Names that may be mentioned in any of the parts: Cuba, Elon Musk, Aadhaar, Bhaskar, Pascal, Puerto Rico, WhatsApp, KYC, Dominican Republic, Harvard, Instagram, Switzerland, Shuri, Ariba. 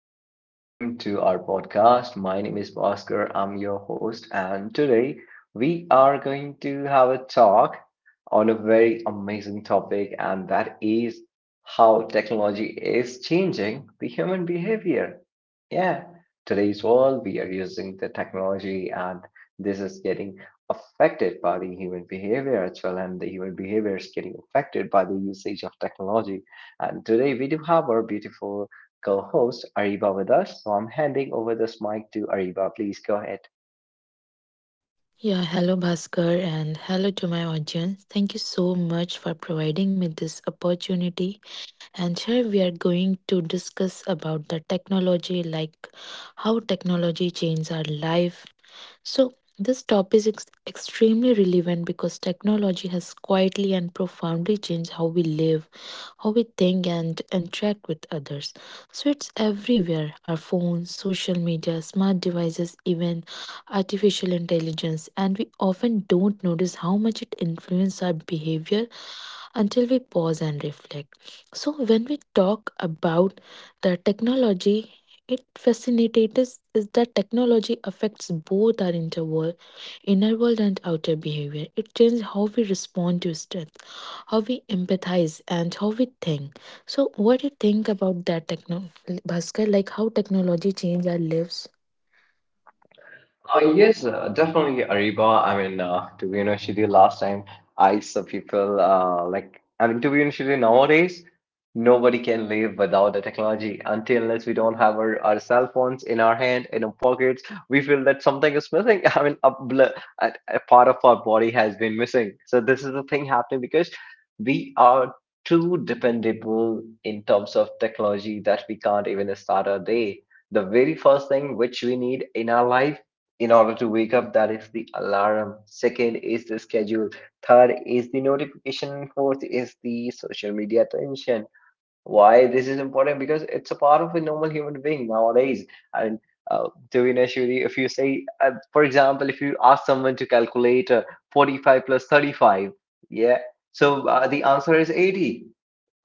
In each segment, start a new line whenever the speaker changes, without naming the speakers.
and welcome to our podcast. My name is Bhaskar, I'm your host, and today we are going to have a talk on a very amazing topic, and that is how technology is changing the human behavior. Yeah, today's world, we are using the technology, and this is getting affected by the human behavior as well, and the human behavior is getting affected by the usage of technology and today we do have our beautiful co host Ariba with us. So I'm handing over this mic to Ariba. Please go ahead.
Yeah, hello Bhaskar and hello to my audience. Thank you so much for providing me this opportunity. And here we are going to discuss about the technology, like how technology changes our life, so, this topic is extremely relevant because technology has quietly and profoundly changed how we live, how we think, and interact with others. So, it's everywhere, our phones, social media, smart devices, even artificial intelligence. And we often don't notice how much it influences our behavior until we pause and reflect. So, when we talk about the technology, it fascinates is that technology affects both our inner world and outer behavior. It changes how we respond to stress, how we empathize, and how we think. So, what do you think about that, Bhaskar? Like, how technology change our lives?
Yes, definitely Ariba. I mean, to be honest with you, last time I saw people, like, I mean, to be honest with you, nowadays nobody can live without the technology until unless we don't have our cell phones in our hand, in our pockets, we feel that something is missing. I mean, a part of our body has been missing. So this is the thing happening because we are too dependable in terms of technology that we can't even start our day. The very first thing which we need in our life in order to wake up, that is the alarm, second is the schedule, third is the notification, fourth is the social media attention. Why this is important, because it's a part of a normal human being nowadays. And to be honest, Shuri, if you say, for example, if you ask someone to calculate, 45 plus 35, yeah, so the answer is 80.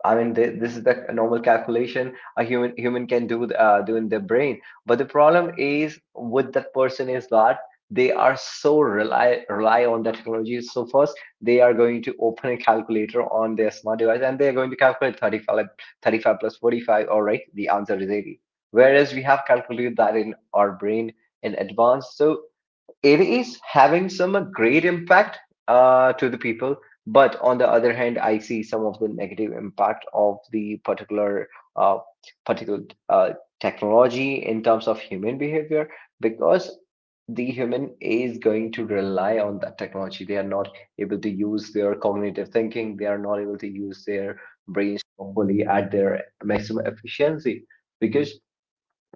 I mean, this is the normal calculation a human can do in their brain. But the problem is with that person is that they are so rely on the technology. So first, they are going to open a calculator on their smart device and they are going to calculate thirty five thirty 45. All right, the answer is 80. Whereas we have calculated that in our brain in advance. So it is having some great impact to the people. But on the other hand, I see some of the negative impact of the particular uh, particular uh, technology in terms of human behavior. Because the human is going to rely on that technology, they are not able to use their cognitive thinking, they are not able to use their brains properly at their maximum efficiency. Because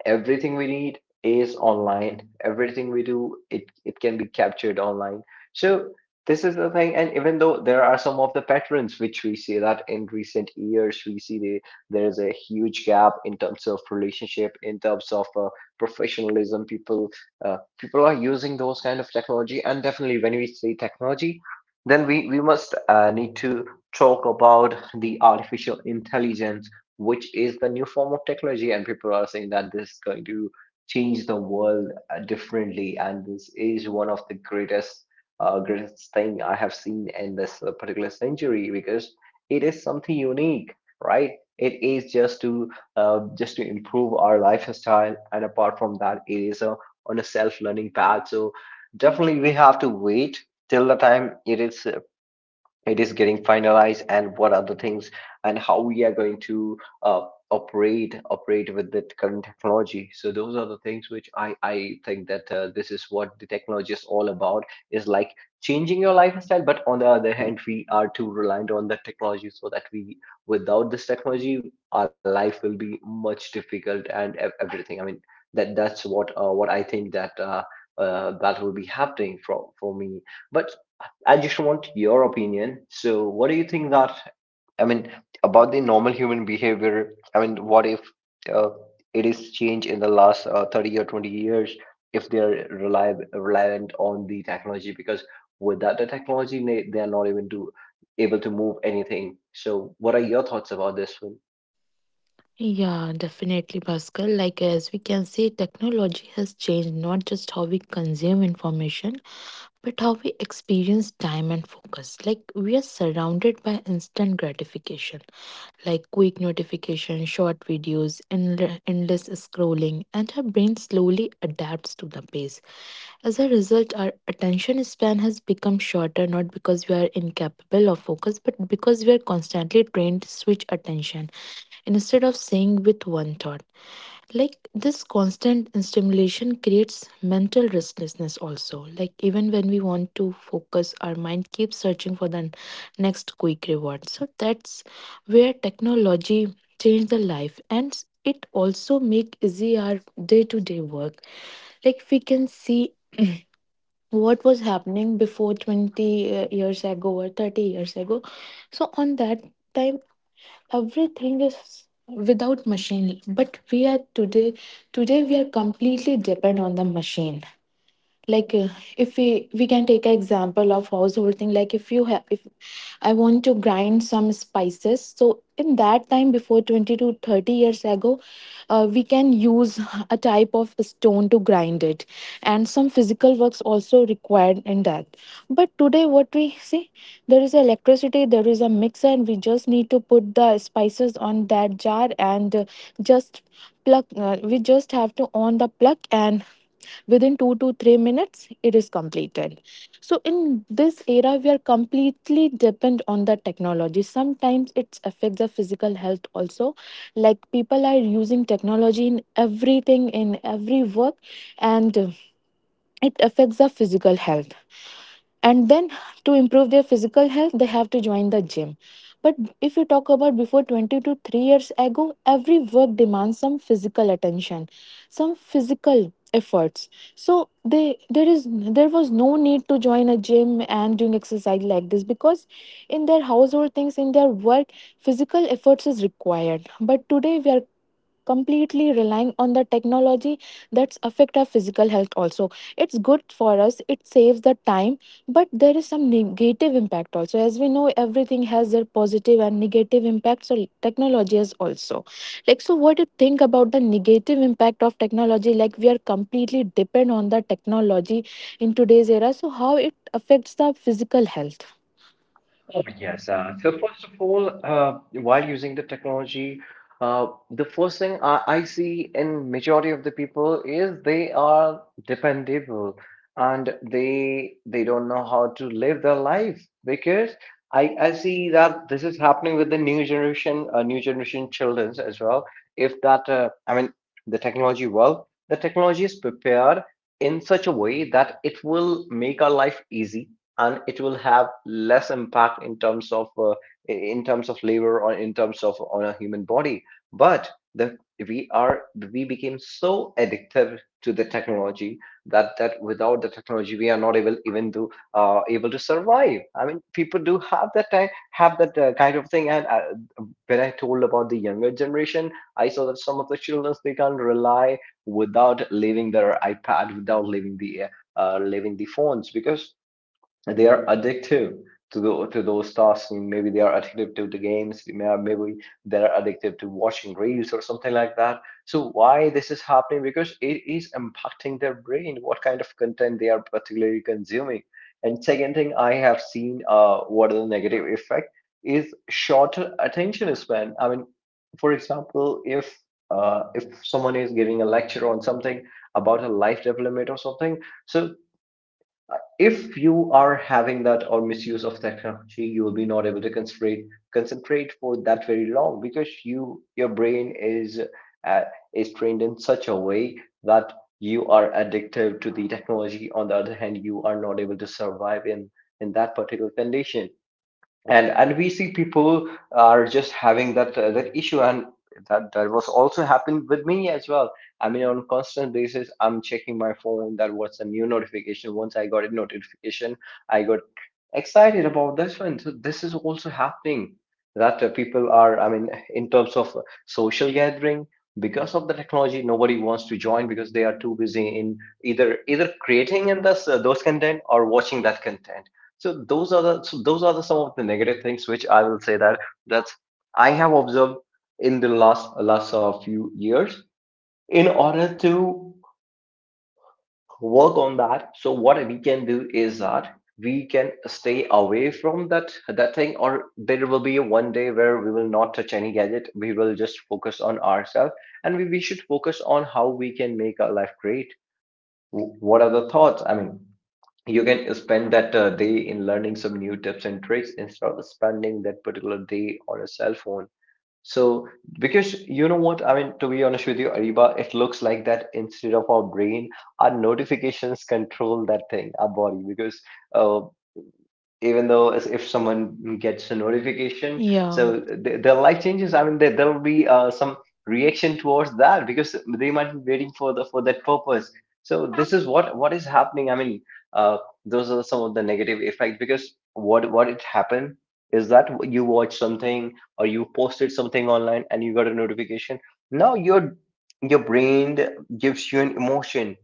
everything we need is online, everything we do, it can be captured online. So this is the thing. And even though there are some of the patterns which we see, that in recent years, there is a huge gap in terms of relationship, in terms of professionalism. People are using those kind of technology. And definitely when we say technology, then we must need to talk about the artificial intelligence, which is the new form of technology. And people are saying that this is going to change the world differently. And this is one of the greatest thing I have seen in this particular century. Because it is something unique, right? It is just to improve our lifestyle. And apart from that, it is on a self-learning path. So definitely we have to wait till the time it is getting finalized, and what are the things, and how we are going to uh, operate with the current technology. So those are the things which I think that this is what the technology is all about, is like changing your lifestyle. But on the other hand, we are too reliant on the technology, so that we, without this technology, our life will be much difficult and everything. I mean, that's what I think that that will be happening for me. But I just want your opinion. So, what do you think that, I mean, about the normal human behavior? I mean, what if uh, it is changed in the last 30 or 20 years, if they're reliant on the technology? Because without the technology, they're not even able to move anything. So, what are your thoughts about this?
Yeah, definitely, Pascal. Like, as we can see, technology has changed not just how we consume information, but how we experience time and focus. Like, we are surrounded by instant gratification, like quick notifications, short videos, endless scrolling, and our brain slowly adapts to the pace. As a result, our attention span has become shorter, not because we are incapable of focus, but because we are constantly trained to switch attention instead of saying with one thought. Like, this constant stimulation creates mental restlessness also. Like, even when we want to focus, our mind keeps searching for the next quick reward. So that's where technology changed the life, and it also make easy our day-to-day work. Like, we can see what was happening before 20 years ago or 30 years ago. So on that time, everything is without machine, but we are today we are completely depend on the machine. Like, if we can take an example of household thing. Like, if you have, if I want to grind some spices, so in that time before 20 to 30 years ago, we can use a type of stone to grind it, and some physical works also required in that. But today what we see, there is electricity, there is a mixer, and we just need to put the spices on that jar and just plug, we just have to on the plug, and within 2 to 3 minutes it is completed. So in this era we are completely depend on the technology. Sometimes it affects the physical health also. Like, people are using technology in everything, in every work, and it affects our physical health. And then to improve their physical health, they have to join the gym. But if you talk about before 20 to 3 years ago, every work demands some physical attention, some physical efforts. So they, there is, there was no need to join a gym and doing exercise like this, because in their household things, in their work, physical efforts is required. But today we are completely relying on the technology. That's affect our physical health also. It's good for us, it saves the time, but there is some negative impact also. As we know, everything has their positive and negative impacts. So technology is also like. So what do you think about the negative impact of technology? Like, we are completely depend on the technology in today's era, so how it affects the physical health?
Oh, yes. So first of all, while using the technology, the first thing I see in majority of the people is they are dependable. And they don't know how to live their life, because I see that this is happening with the new generation children as well. If that, I mean, the technology, well, the technology is prepared in such a way that it will make our life easy and it will have less impact in terms of labor, or in terms of on a human body. But the we, are we became so addictive to the technology that without the technology we are not able even to able to survive. I mean, people do have that time, have that kind of thing. And when I told about the younger generation, I saw that some of the children, they can't rely without leaving their iPad, without leaving the phones. Because they are addictive to those tasks, maybe they are addictive to the games, maybe they're addictive to watching reels or something like that. So why this is happening? Because it is impacting their brain, what kind of content they are particularly consuming. And second thing I have seen, what are the negative effect, is shorter attention span. I mean, for example, if someone is giving a lecture on something, about a life development or something, so if you are having that or misuse of technology, you will be not able to concentrate for that very long because your brain uh, is trained in such a way that you are addicted to the technology. On the other hand, you are not able to survive in that particular condition, and we see people are just having that, that issue. And that was also happened with me as well. I mean, on constant basis, I'm checking my phone, that what's a new notification. Once I got a notification, I got excited about this one. So this is also happening that, people are, I mean, in terms of social gathering, because of the technology, nobody wants to join because they are too busy in either creating in this those content or watching that content. So those are the some of the negative things which I will say that, that's, I have observed in the last few years. In order to work on that, so what we can do is that we can stay away from that thing. Or there will be one day where we will not touch any gadget, we will just focus on ourselves. And we should focus on how we can make our life great. What are the thoughts? I mean, you can spend that day in learning some new tips and tricks instead of spending that particular day on a cell phone. So, because you know what, I mean, to be honest with you, Ariba, it looks like that instead of our brain, our notifications control that thing, our body. Because uh, even though, as if someone gets a notification,
Yeah,
so they'll like changes, I mean, there'll be some reaction towards that because they might be waiting for the for that purpose. So this is what is happening, I mean, uh, those are some of the negative effects. Because what it happened is that you watch something, or you posted something online, and you got a notification, now your brain gives you an emotion,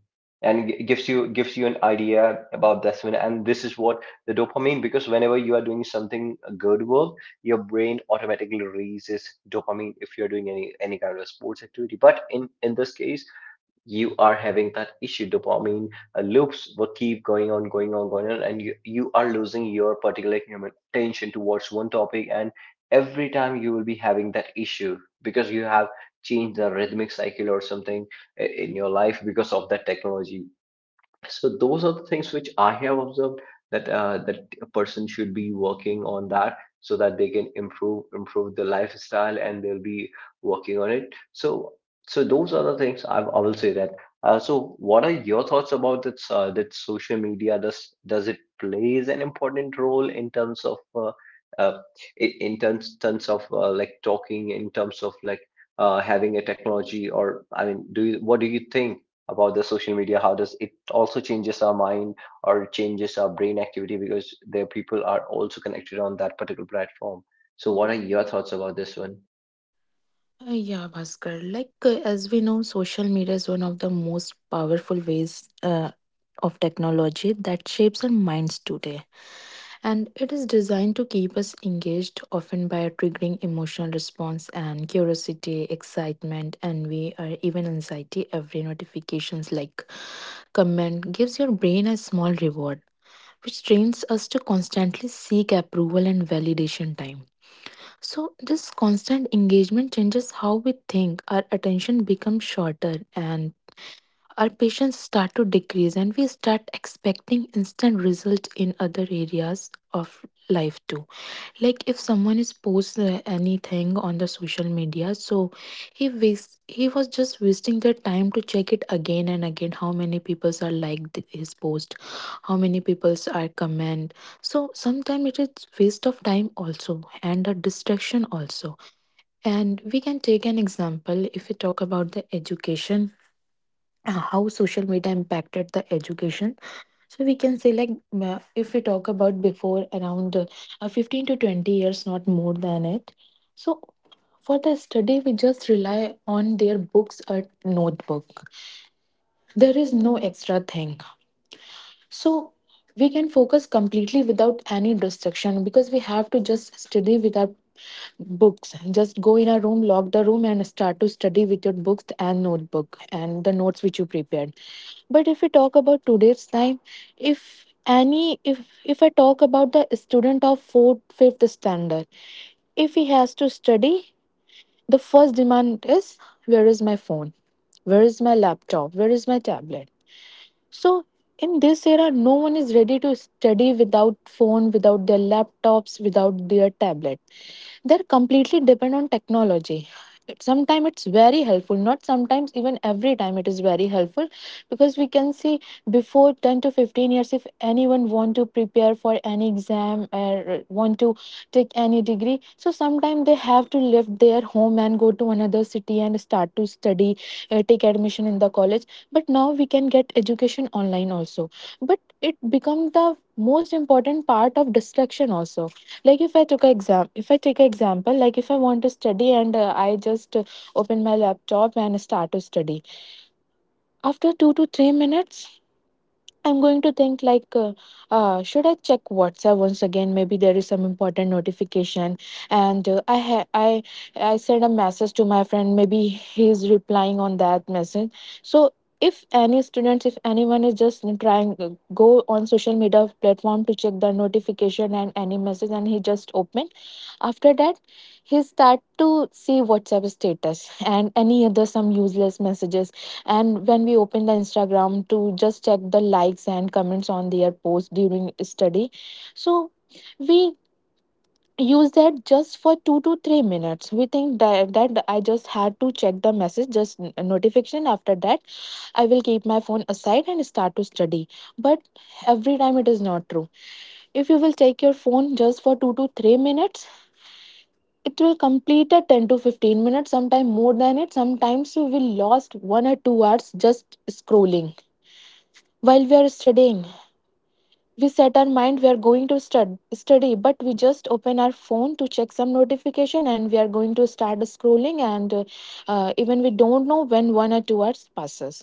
and gives you an idea about this one. And this is what, the dopamine. Because whenever you are doing something a good work, your brain automatically releases dopamine if you're doing any kind of sports activity. But in this case, you are having that issue. Dopamine loops will keep going on, going on, going on, and you are losing your particular human attention towards one topic. And every time you will be having that issue, because you have changed the rhythmic cycle or something in your life because of that technology. So those are the things which I have observed that, that a person should be working on that so that they can improve the lifestyle and they'll be working on it. So, so those are the things I will say that. So what are your thoughts about that? That social media does it plays an important role in terms of uh, like talking in terms of like having a technology, or I mean do you what do you think about the social media? How does it also changes our mind or changes our brain activity, because their people are also connected on that particular platform. So what are your thoughts about this one?
Uh, yeah, Bhaskar. Like, as we know, social media is one of the most powerful ways uh, of technology that shapes our minds today. And it is designed to keep us engaged, often by triggering emotional response and curiosity, excitement, envy, or even anxiety. Every notifications like comment gives your brain a small reward, which trains us to constantly seek approval and validation time. So, this constant engagement changes how we think. Our attention becomes shorter, and our patience start to decrease, and we start expecting instant results in other areas of life too. Like, if someone is posts anything on the social media, so he waste, he was just wasting their time to check it again and again how many people are liked his post, how many people are comment. So sometimes it is waste of time also and a distraction also. And we can take an example if we talk about the education. How social media impacted the education. So we can say like, if we talk about before around 15 to 20 years, not more than it. So for the study, we just rely on their books or notebook. There is no extra thing. So we can focus completely without any distraction because we have to just study with our books, just go in a room, lock the room, and start to study with your books and notebook and the notes which you prepared. But if we talk about today's time, if any, if I talk about the student of fourth fifth standard, if he has to study, the first demand is where is my phone, where is my laptop, where is my tablet. So in this era no one is ready to study without phone, without their laptops, without their tablet. They're completely depend on technology. Sometimes it's very helpful. Not sometimes, even every time it is very helpful, because we can see before 10 to 15 years, if anyone want to prepare for any exam or want to take any degree, so sometimes they have to leave their home and go to another city and start to study, take admission in the college. But now we can get education online also. But it become the most important part of distraction also. Like, if I took an exam, if I take an example, like if I want to study and I just open my laptop and start to study, after 2 to 3 minutes I'm going to think like should I check WhatsApp once again, maybe there is some important notification. And I I send a message to my friend, maybe he's replying on that message. So if any students, if anyone is just trying go on social media platform to check the notification and any message, and he just open, after that, he start to see WhatsApp status and any other some useless messages. And when we open the Instagram to just check the likes and comments on their post during study, so we use that just for 2 to 3 minutes. We think that that I just had to check the message, just notification. After that, I will keep my phone aside and start to study. But every time it is not true. If you will take your phone just for 2 to 3 minutes, it will complete at 10 to 15 minutes. Sometimes more than it. Sometimes we will lost 1 or 2 hours just scrolling. While we are studying, we set our mind we are going to study, but we just open our phone to check some notification and we are going to start scrolling, and even we don't know when 1 or 2 hours passes.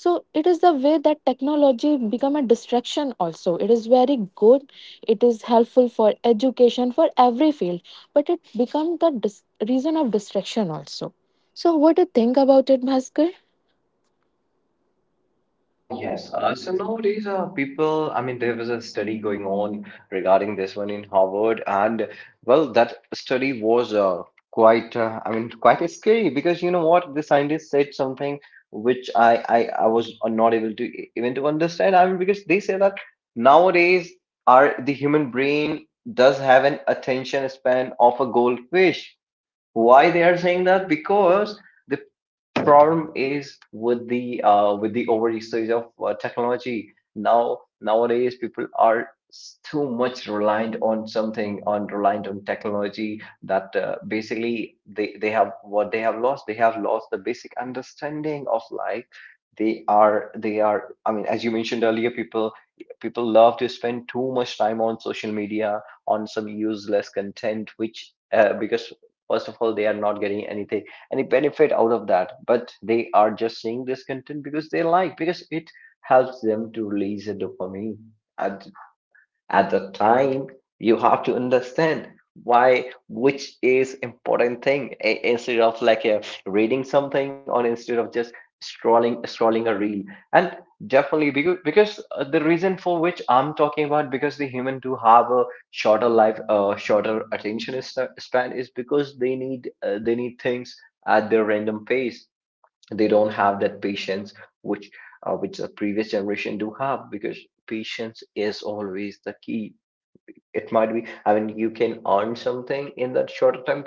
So it is the way that technology become a distraction also. It is very good, it is helpful for education, for every field, but it become the reason of distraction also. So what do you think about it, Bhaskar?
Ah, yes. So nowadays, people, I mean, there was a study going on regarding this one in Harvard, and well, that study was quite, I mean, quite scary, because you know what? The scientists said something which I was not able to even to understand. I mean, because they say that nowadays, our the human brain does have an attention span of a goldfish. Why they are saying that? Because problem is with the over usage of technology. Now nowadays people are too much reliant on something, on reliant on technology, that basically they have what they have lost. They have lost the basic understanding of life. They are I mean, as you mentioned earlier, people love to spend too much time on social media, on some useless content, which because first of all, they are not getting anything, any benefit out of that, but they are just seeing this content because they like, because it helps them to release the dopamine. And at the time, you have to understand why, which is important thing, instead of like reading something or instead of just scrolling a reel. And definitely, because the reason for which I'm talking about, because the human do have a shorter life, shorter attention span, is because they need things at their random pace. They don't have that patience which which the previous generation do have, because patience is always the key. It might be, I mean, you can earn something in that shorter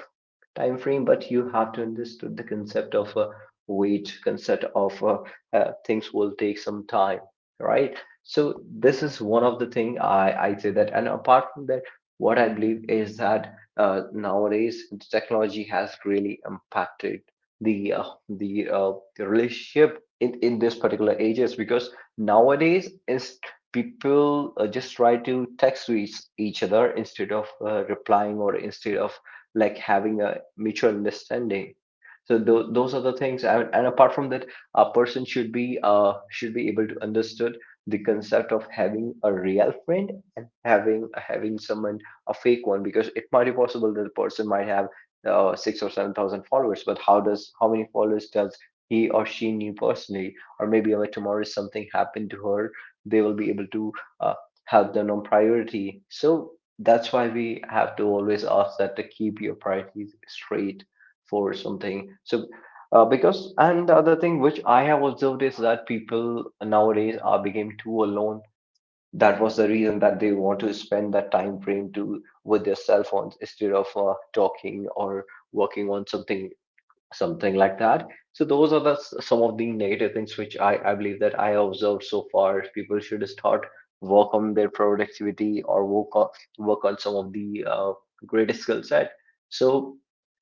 time frame, but you have to understand the concept of a wait, concept of things will take some time, right? So this is one of the thing I say that. And apart from that, what I believe is that nowadays the technology has really impacted the relationship in this particular ages, because nowadays is people just try to text to each other, instead of replying or instead of like having a mutual understanding. So those are the things. And apart from that, a person should be able to understood the concept of having a real friend, and having someone a fake one, because it might be possible that the person might have six or seven thousand followers, but how many followers does he or she knew personally? Or maybe if tomorrow if something happened to her, they will be able to uh, help them on priority. So that's why we have to always ask that to keep your priorities straight for something. So because, and the other thing which I have observed is that people nowadays are became too alone. That was the reason that they want to spend that time frame to with their cell phones, instead of talking or working on something, something like that. So those are the some of the negative things which I believe that I observed so far. People should start work on their productivity, or work on work on some of the greatest skill set. So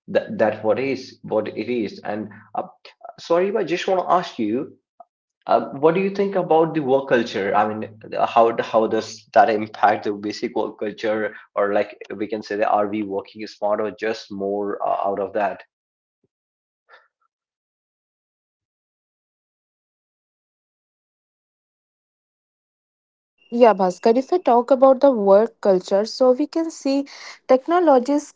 that what is what it is. And uh, sorry, but I just want to ask you, what do you think about the work culture? I mean, how does that impact the basic work culture, or like we can say that are we working smart or just more out of that?
Yeah, Bhaskar, if I talk about the work culture, so we can see technologies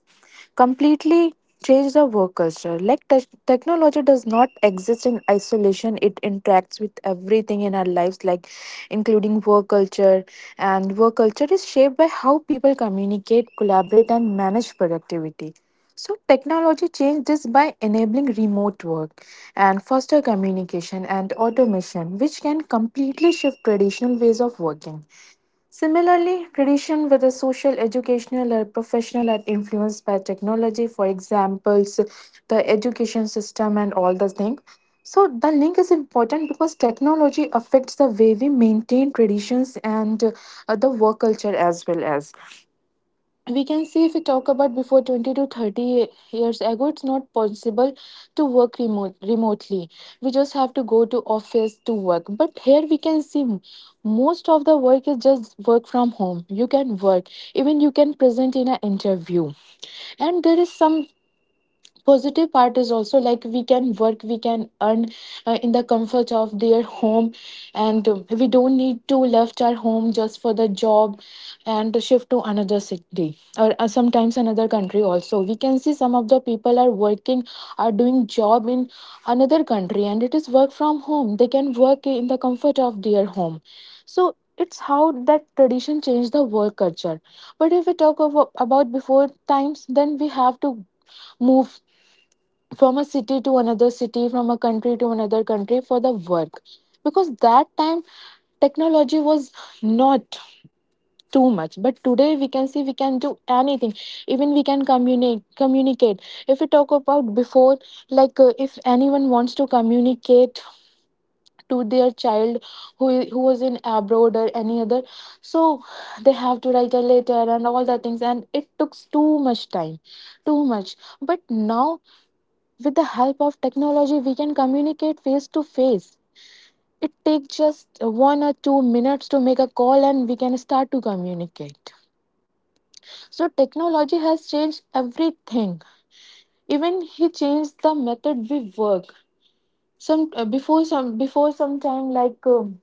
completely change the work culture. Like, technology does not exist in isolation, it interacts with everything in our lives, like including work culture. And work culture is shaped by how people communicate, collaborate, and manage productivity. So technology changed this by enabling remote work and foster communication and automation, which can completely shift traditional ways of working. Similarly, tradition, whether social, educational, or professional, are influenced by technology. For examples, the education system and all the things. So the link is important because technology affects the way we maintain traditions and the work culture, as well as. We can see, if we talk about before 20 to 30 years ago, it's not possible to work remotely. We just have to go to office to work, but here we can see, most of the work is just work from home. You can work, even you can present in an interview. And there is some positive part is also, like we can work, we can earn in the comfort of their home. And we don't need to left our home just for the job and to shift to another city or sometimes another country also. We can see some of the people are working, are doing job in another country, and it is work from home, they can work in the comfort of their home. So it's how that tradition changed the work culture. But if we talk about before times, then we have to move from a city to another city, from a country to another country for the work. Because that time technology was not too much, but today we can see we can do anything. Even we can communicate. Communicate. If we talk about before, like if anyone wants to communicate to their child, who who was in abroad or any other, so they have to write a letter and all the things, and it took too much time, too much. But now, with the help of technology, we can communicate face to face. It takes just 1 or 2 minutes to make a call and we can start to communicate. So, technology has changed everything. Even he changed the method we work. Some before some before some time like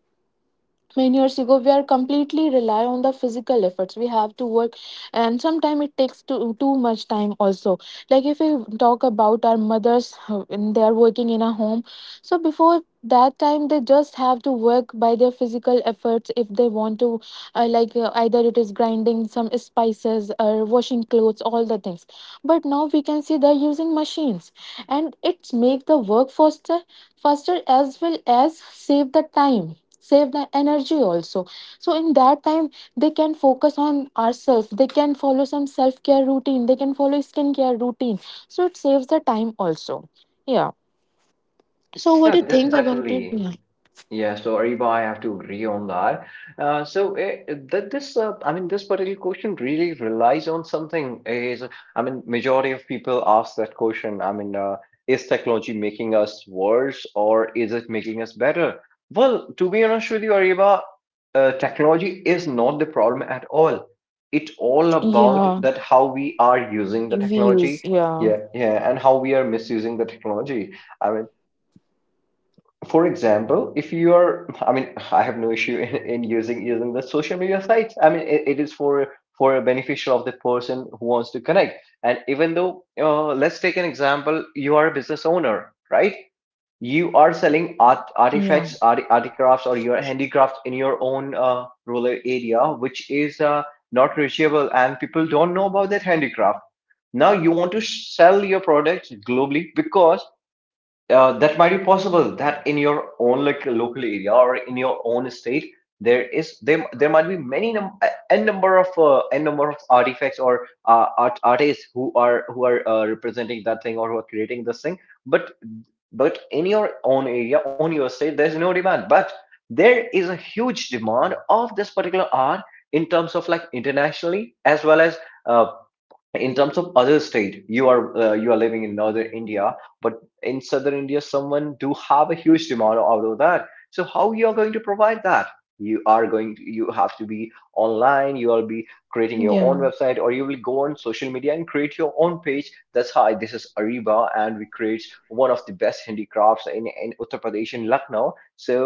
many years ago we are completely rely on the physical efforts. We have to work, and sometimes it takes too, too much time also. Like if we talk about our mothers and they are working in a home, so before that time they just have to work by their physical efforts. If they want to like either it is grinding some spices or washing clothes, all the things. But now we can see, they're using machines, and it's make the work faster, faster, as well as save the time, save the energy also. So in that time, they can focus on ourselves, they can follow some self care routine, they can follow skincare routine. So it saves the time also. Yeah. So what do
Yeah,
you think about it?
definitely.
Yeah.
Yeah, sorry, but I have to agree on that. So that this, I mean, this particular question really relies on something. Is, I mean, majority of people ask that question. I mean, is technology making us worse, or is it making us better? Well, to be honest with you, Ariba, technology is not the problem at all. It's all about
Yeah,
that how we are using the
views,
technology.
yeah.
Yeah, yeah, and how we are misusing the technology. I mean, for example, if you are, I mean I have no issue in using the social media sites. I mean, it is for a beneficial of the person who wants to connect. And even though let's take an example. You are a business owner, right? You are selling
Yeah,
artifacts, art crafts, or your handicrafts in your own rural area, which is not reachable and people don't know about that handicraft. Now you want to sell your products globally, because that might be possible that in your own like local area or in your own state, there there might be many num a n number of artifacts, or artists who are representing that thing, or who are creating this thing. but but in your own area, on your state, there's no demand. But there is a huge demand of this particular art, in terms of like internationally, as well as uh, in terms of other state. You are you are living in northern India, but in southern India someone do have a huge demand out of that. So how you are going to provide that? You have to be online. You will be creating your own
yeah,
website, or you will go on social media and create your own page. That's, hi, this is Ariba, and we create one of the best handicrafts in Uttar Pradesh, in Lucknow. So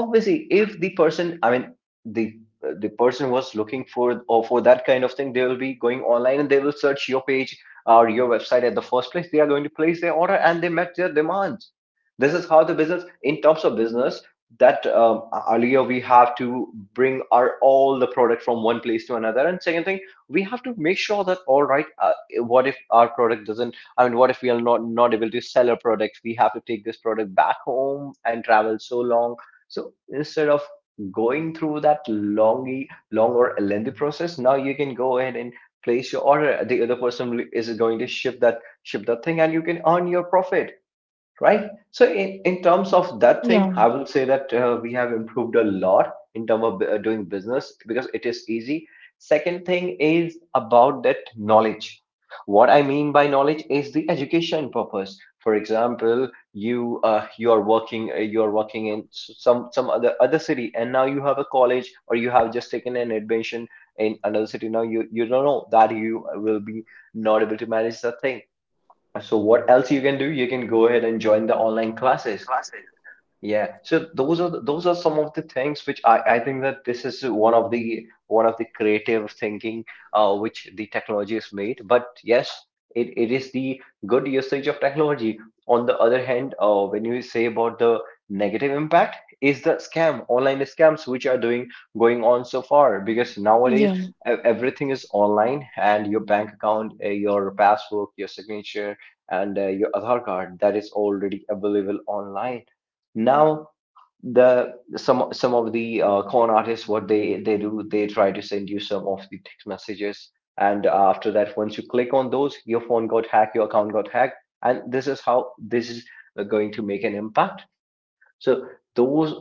obviously, if the person, I mean, the the person was looking for or for that kind of thing, they will be going online and they will search your page or your website at the first place. They are going to place their order and they met their demands. This is how the business, in terms of business, that earlier we have to bring our all the product from one place to another. And second thing, we have to make sure that, all right, what if our product doesn't, I mean, what if we are not able to sell our product, we have to take this product back home and travel so long. So instead of going through that long or lengthy process, now you can go ahead and place your order. The other person is going to ship that thing, and you can earn your profit, right? So in terms of that thing,
yeah,
I will say that we have improved a lot in terms of doing business, because it is easy. Second thing is about that knowledge. What I mean by knowledge is the education purpose. For example, you you are working in some other city, and now you have a college, or you have just taken an admission in another city. Now you don't know that you will be not able to manage the thing. So what else you can do? You can go ahead and join the online classes. Yeah, so those are some of the things which I think that this is one of the creative thinking which the technology has made. But yes, it is the good usage of technology. On the other hand, when you say about the negative impact, is the scam, online scams which are doing going on so far, because nowadays
yeah,
everything is online, and your bank account, your passbook, your signature, and your Aadhaar card, that is already available online. Now the some of the con artists, what they do, they try to send you some of the text messages, and after that, once you click on those, your phone got hacked, your account got hacked. And this is how this is going to make an impact. So those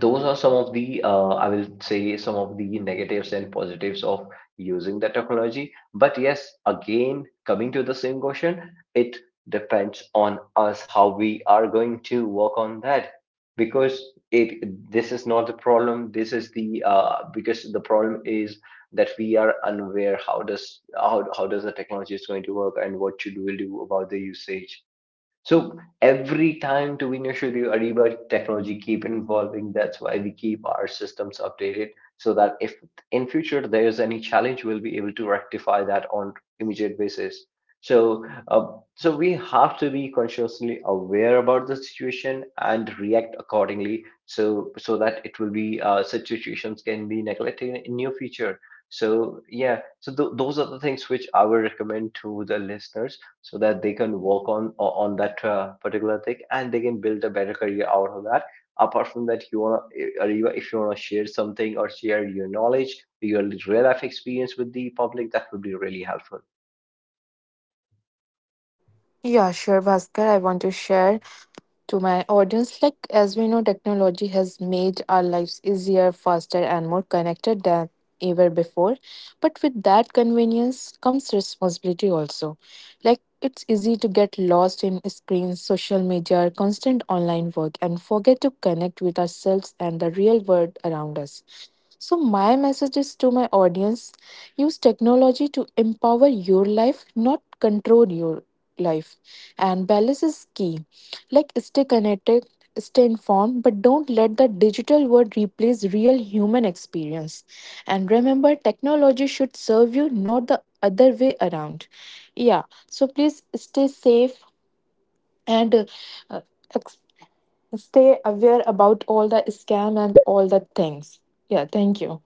those are some of the I will say some of the negatives and positives of using the technology. But yes, again, coming to the same question, it depends on us how we are going to work on that. Because it this is not the problem. This is the because the problem is that we are unaware how how does the technology is going to work, and what should we do about the usage. So every time, to be Shuri, Ariba, technology keep evolving. That's why we keep our systems updated, so that if in future there is any challenge, we'll be able to rectify that on immediate basis. So, so we have to be consciously aware about the situation and react accordingly. So, so that it will be such situations can be neglected in near future. So, yeah. So those are the things which I would recommend to the listeners, so that they can work on that particular thing, and they can build a better career out of that. Apart from that, you want to, if you want to share something, or share your knowledge, your real life experience with the public, that would be really helpful.
yeah. sure, Bhaskar. I want to share to my audience. Like, as we know, technology has made our lives easier, faster, and more connected than ever before. But with that convenience comes responsibility also. Like, it's easy to get lost in screens, social media, constant online work, and forget to connect with ourselves and the real world around us. So, my message is to my audience: use technology to empower your life, not control your life. And balance is key. Like, stay connected, stay informed, but don't let the digital world replace real human experience. And remember, technology should serve you, not the other way around. Yeah, so please stay safe and uh, ex- stay aware about all the scam and all the things. Yeah, thank you.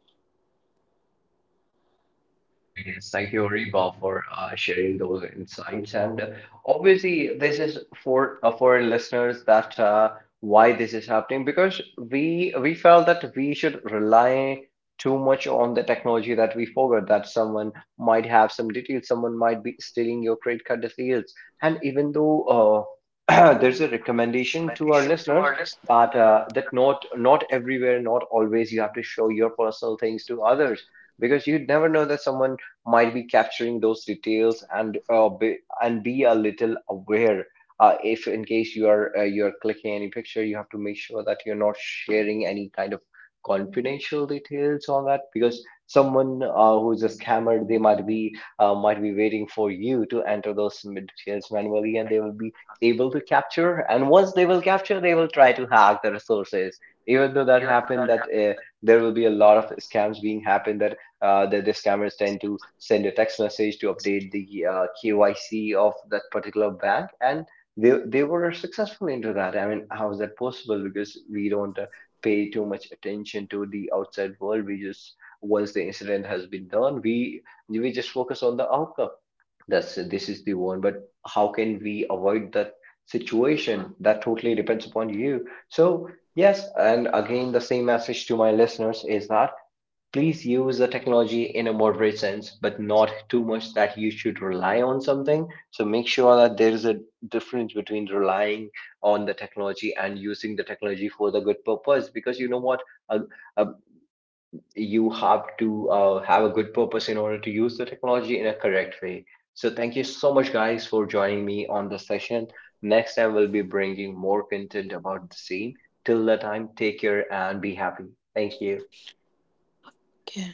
Yes, thank you, Ariba, for sharing those insights. And obviously, this is for our listeners, that why this is happening, because we felt that we should rely too much on the technology, that we forgot that someone might have some details, someone might be stealing your credit card details. And even though there's a recommendation to our listeners that that not everywhere, not always you have to show your personal things to others, because you never know that someone might be capturing those details. And and be a little aware. If in case you are you're clicking any picture, you have to make sure that you're not sharing any kind of confidential details on that, because someone who's a scammer, they might be waiting for you to enter those details manually, and they will be able to capture. And once they will capture, they will try to hack the resources. Even though that happened, that there will be a lot of scams being happened, that that the scammers tend to send a text message to update the KYC of that particular bank, and they were successful into that. I mean, how is that possible? Because we don't pay too much attention to the outside world. We just, once the incident has been done, we just focus on the outcome. That's, this is the one. But how can we avoid that situation? That totally depends upon you. So yes, and again, the same message to my listeners is that please use the technology in a moderate sense, but not too much that you should rely on something. So make sure that there is a difference between relying on the technology and using the technology for the good purpose. Because you know what, uh, uh, you have to have a good purpose in order to use the technology in a correct way. So thank you so much, guys, for joining me on this session. Next time we'll be bringing more content about the same. Till that time, take care and be happy. Thank you.
Okay.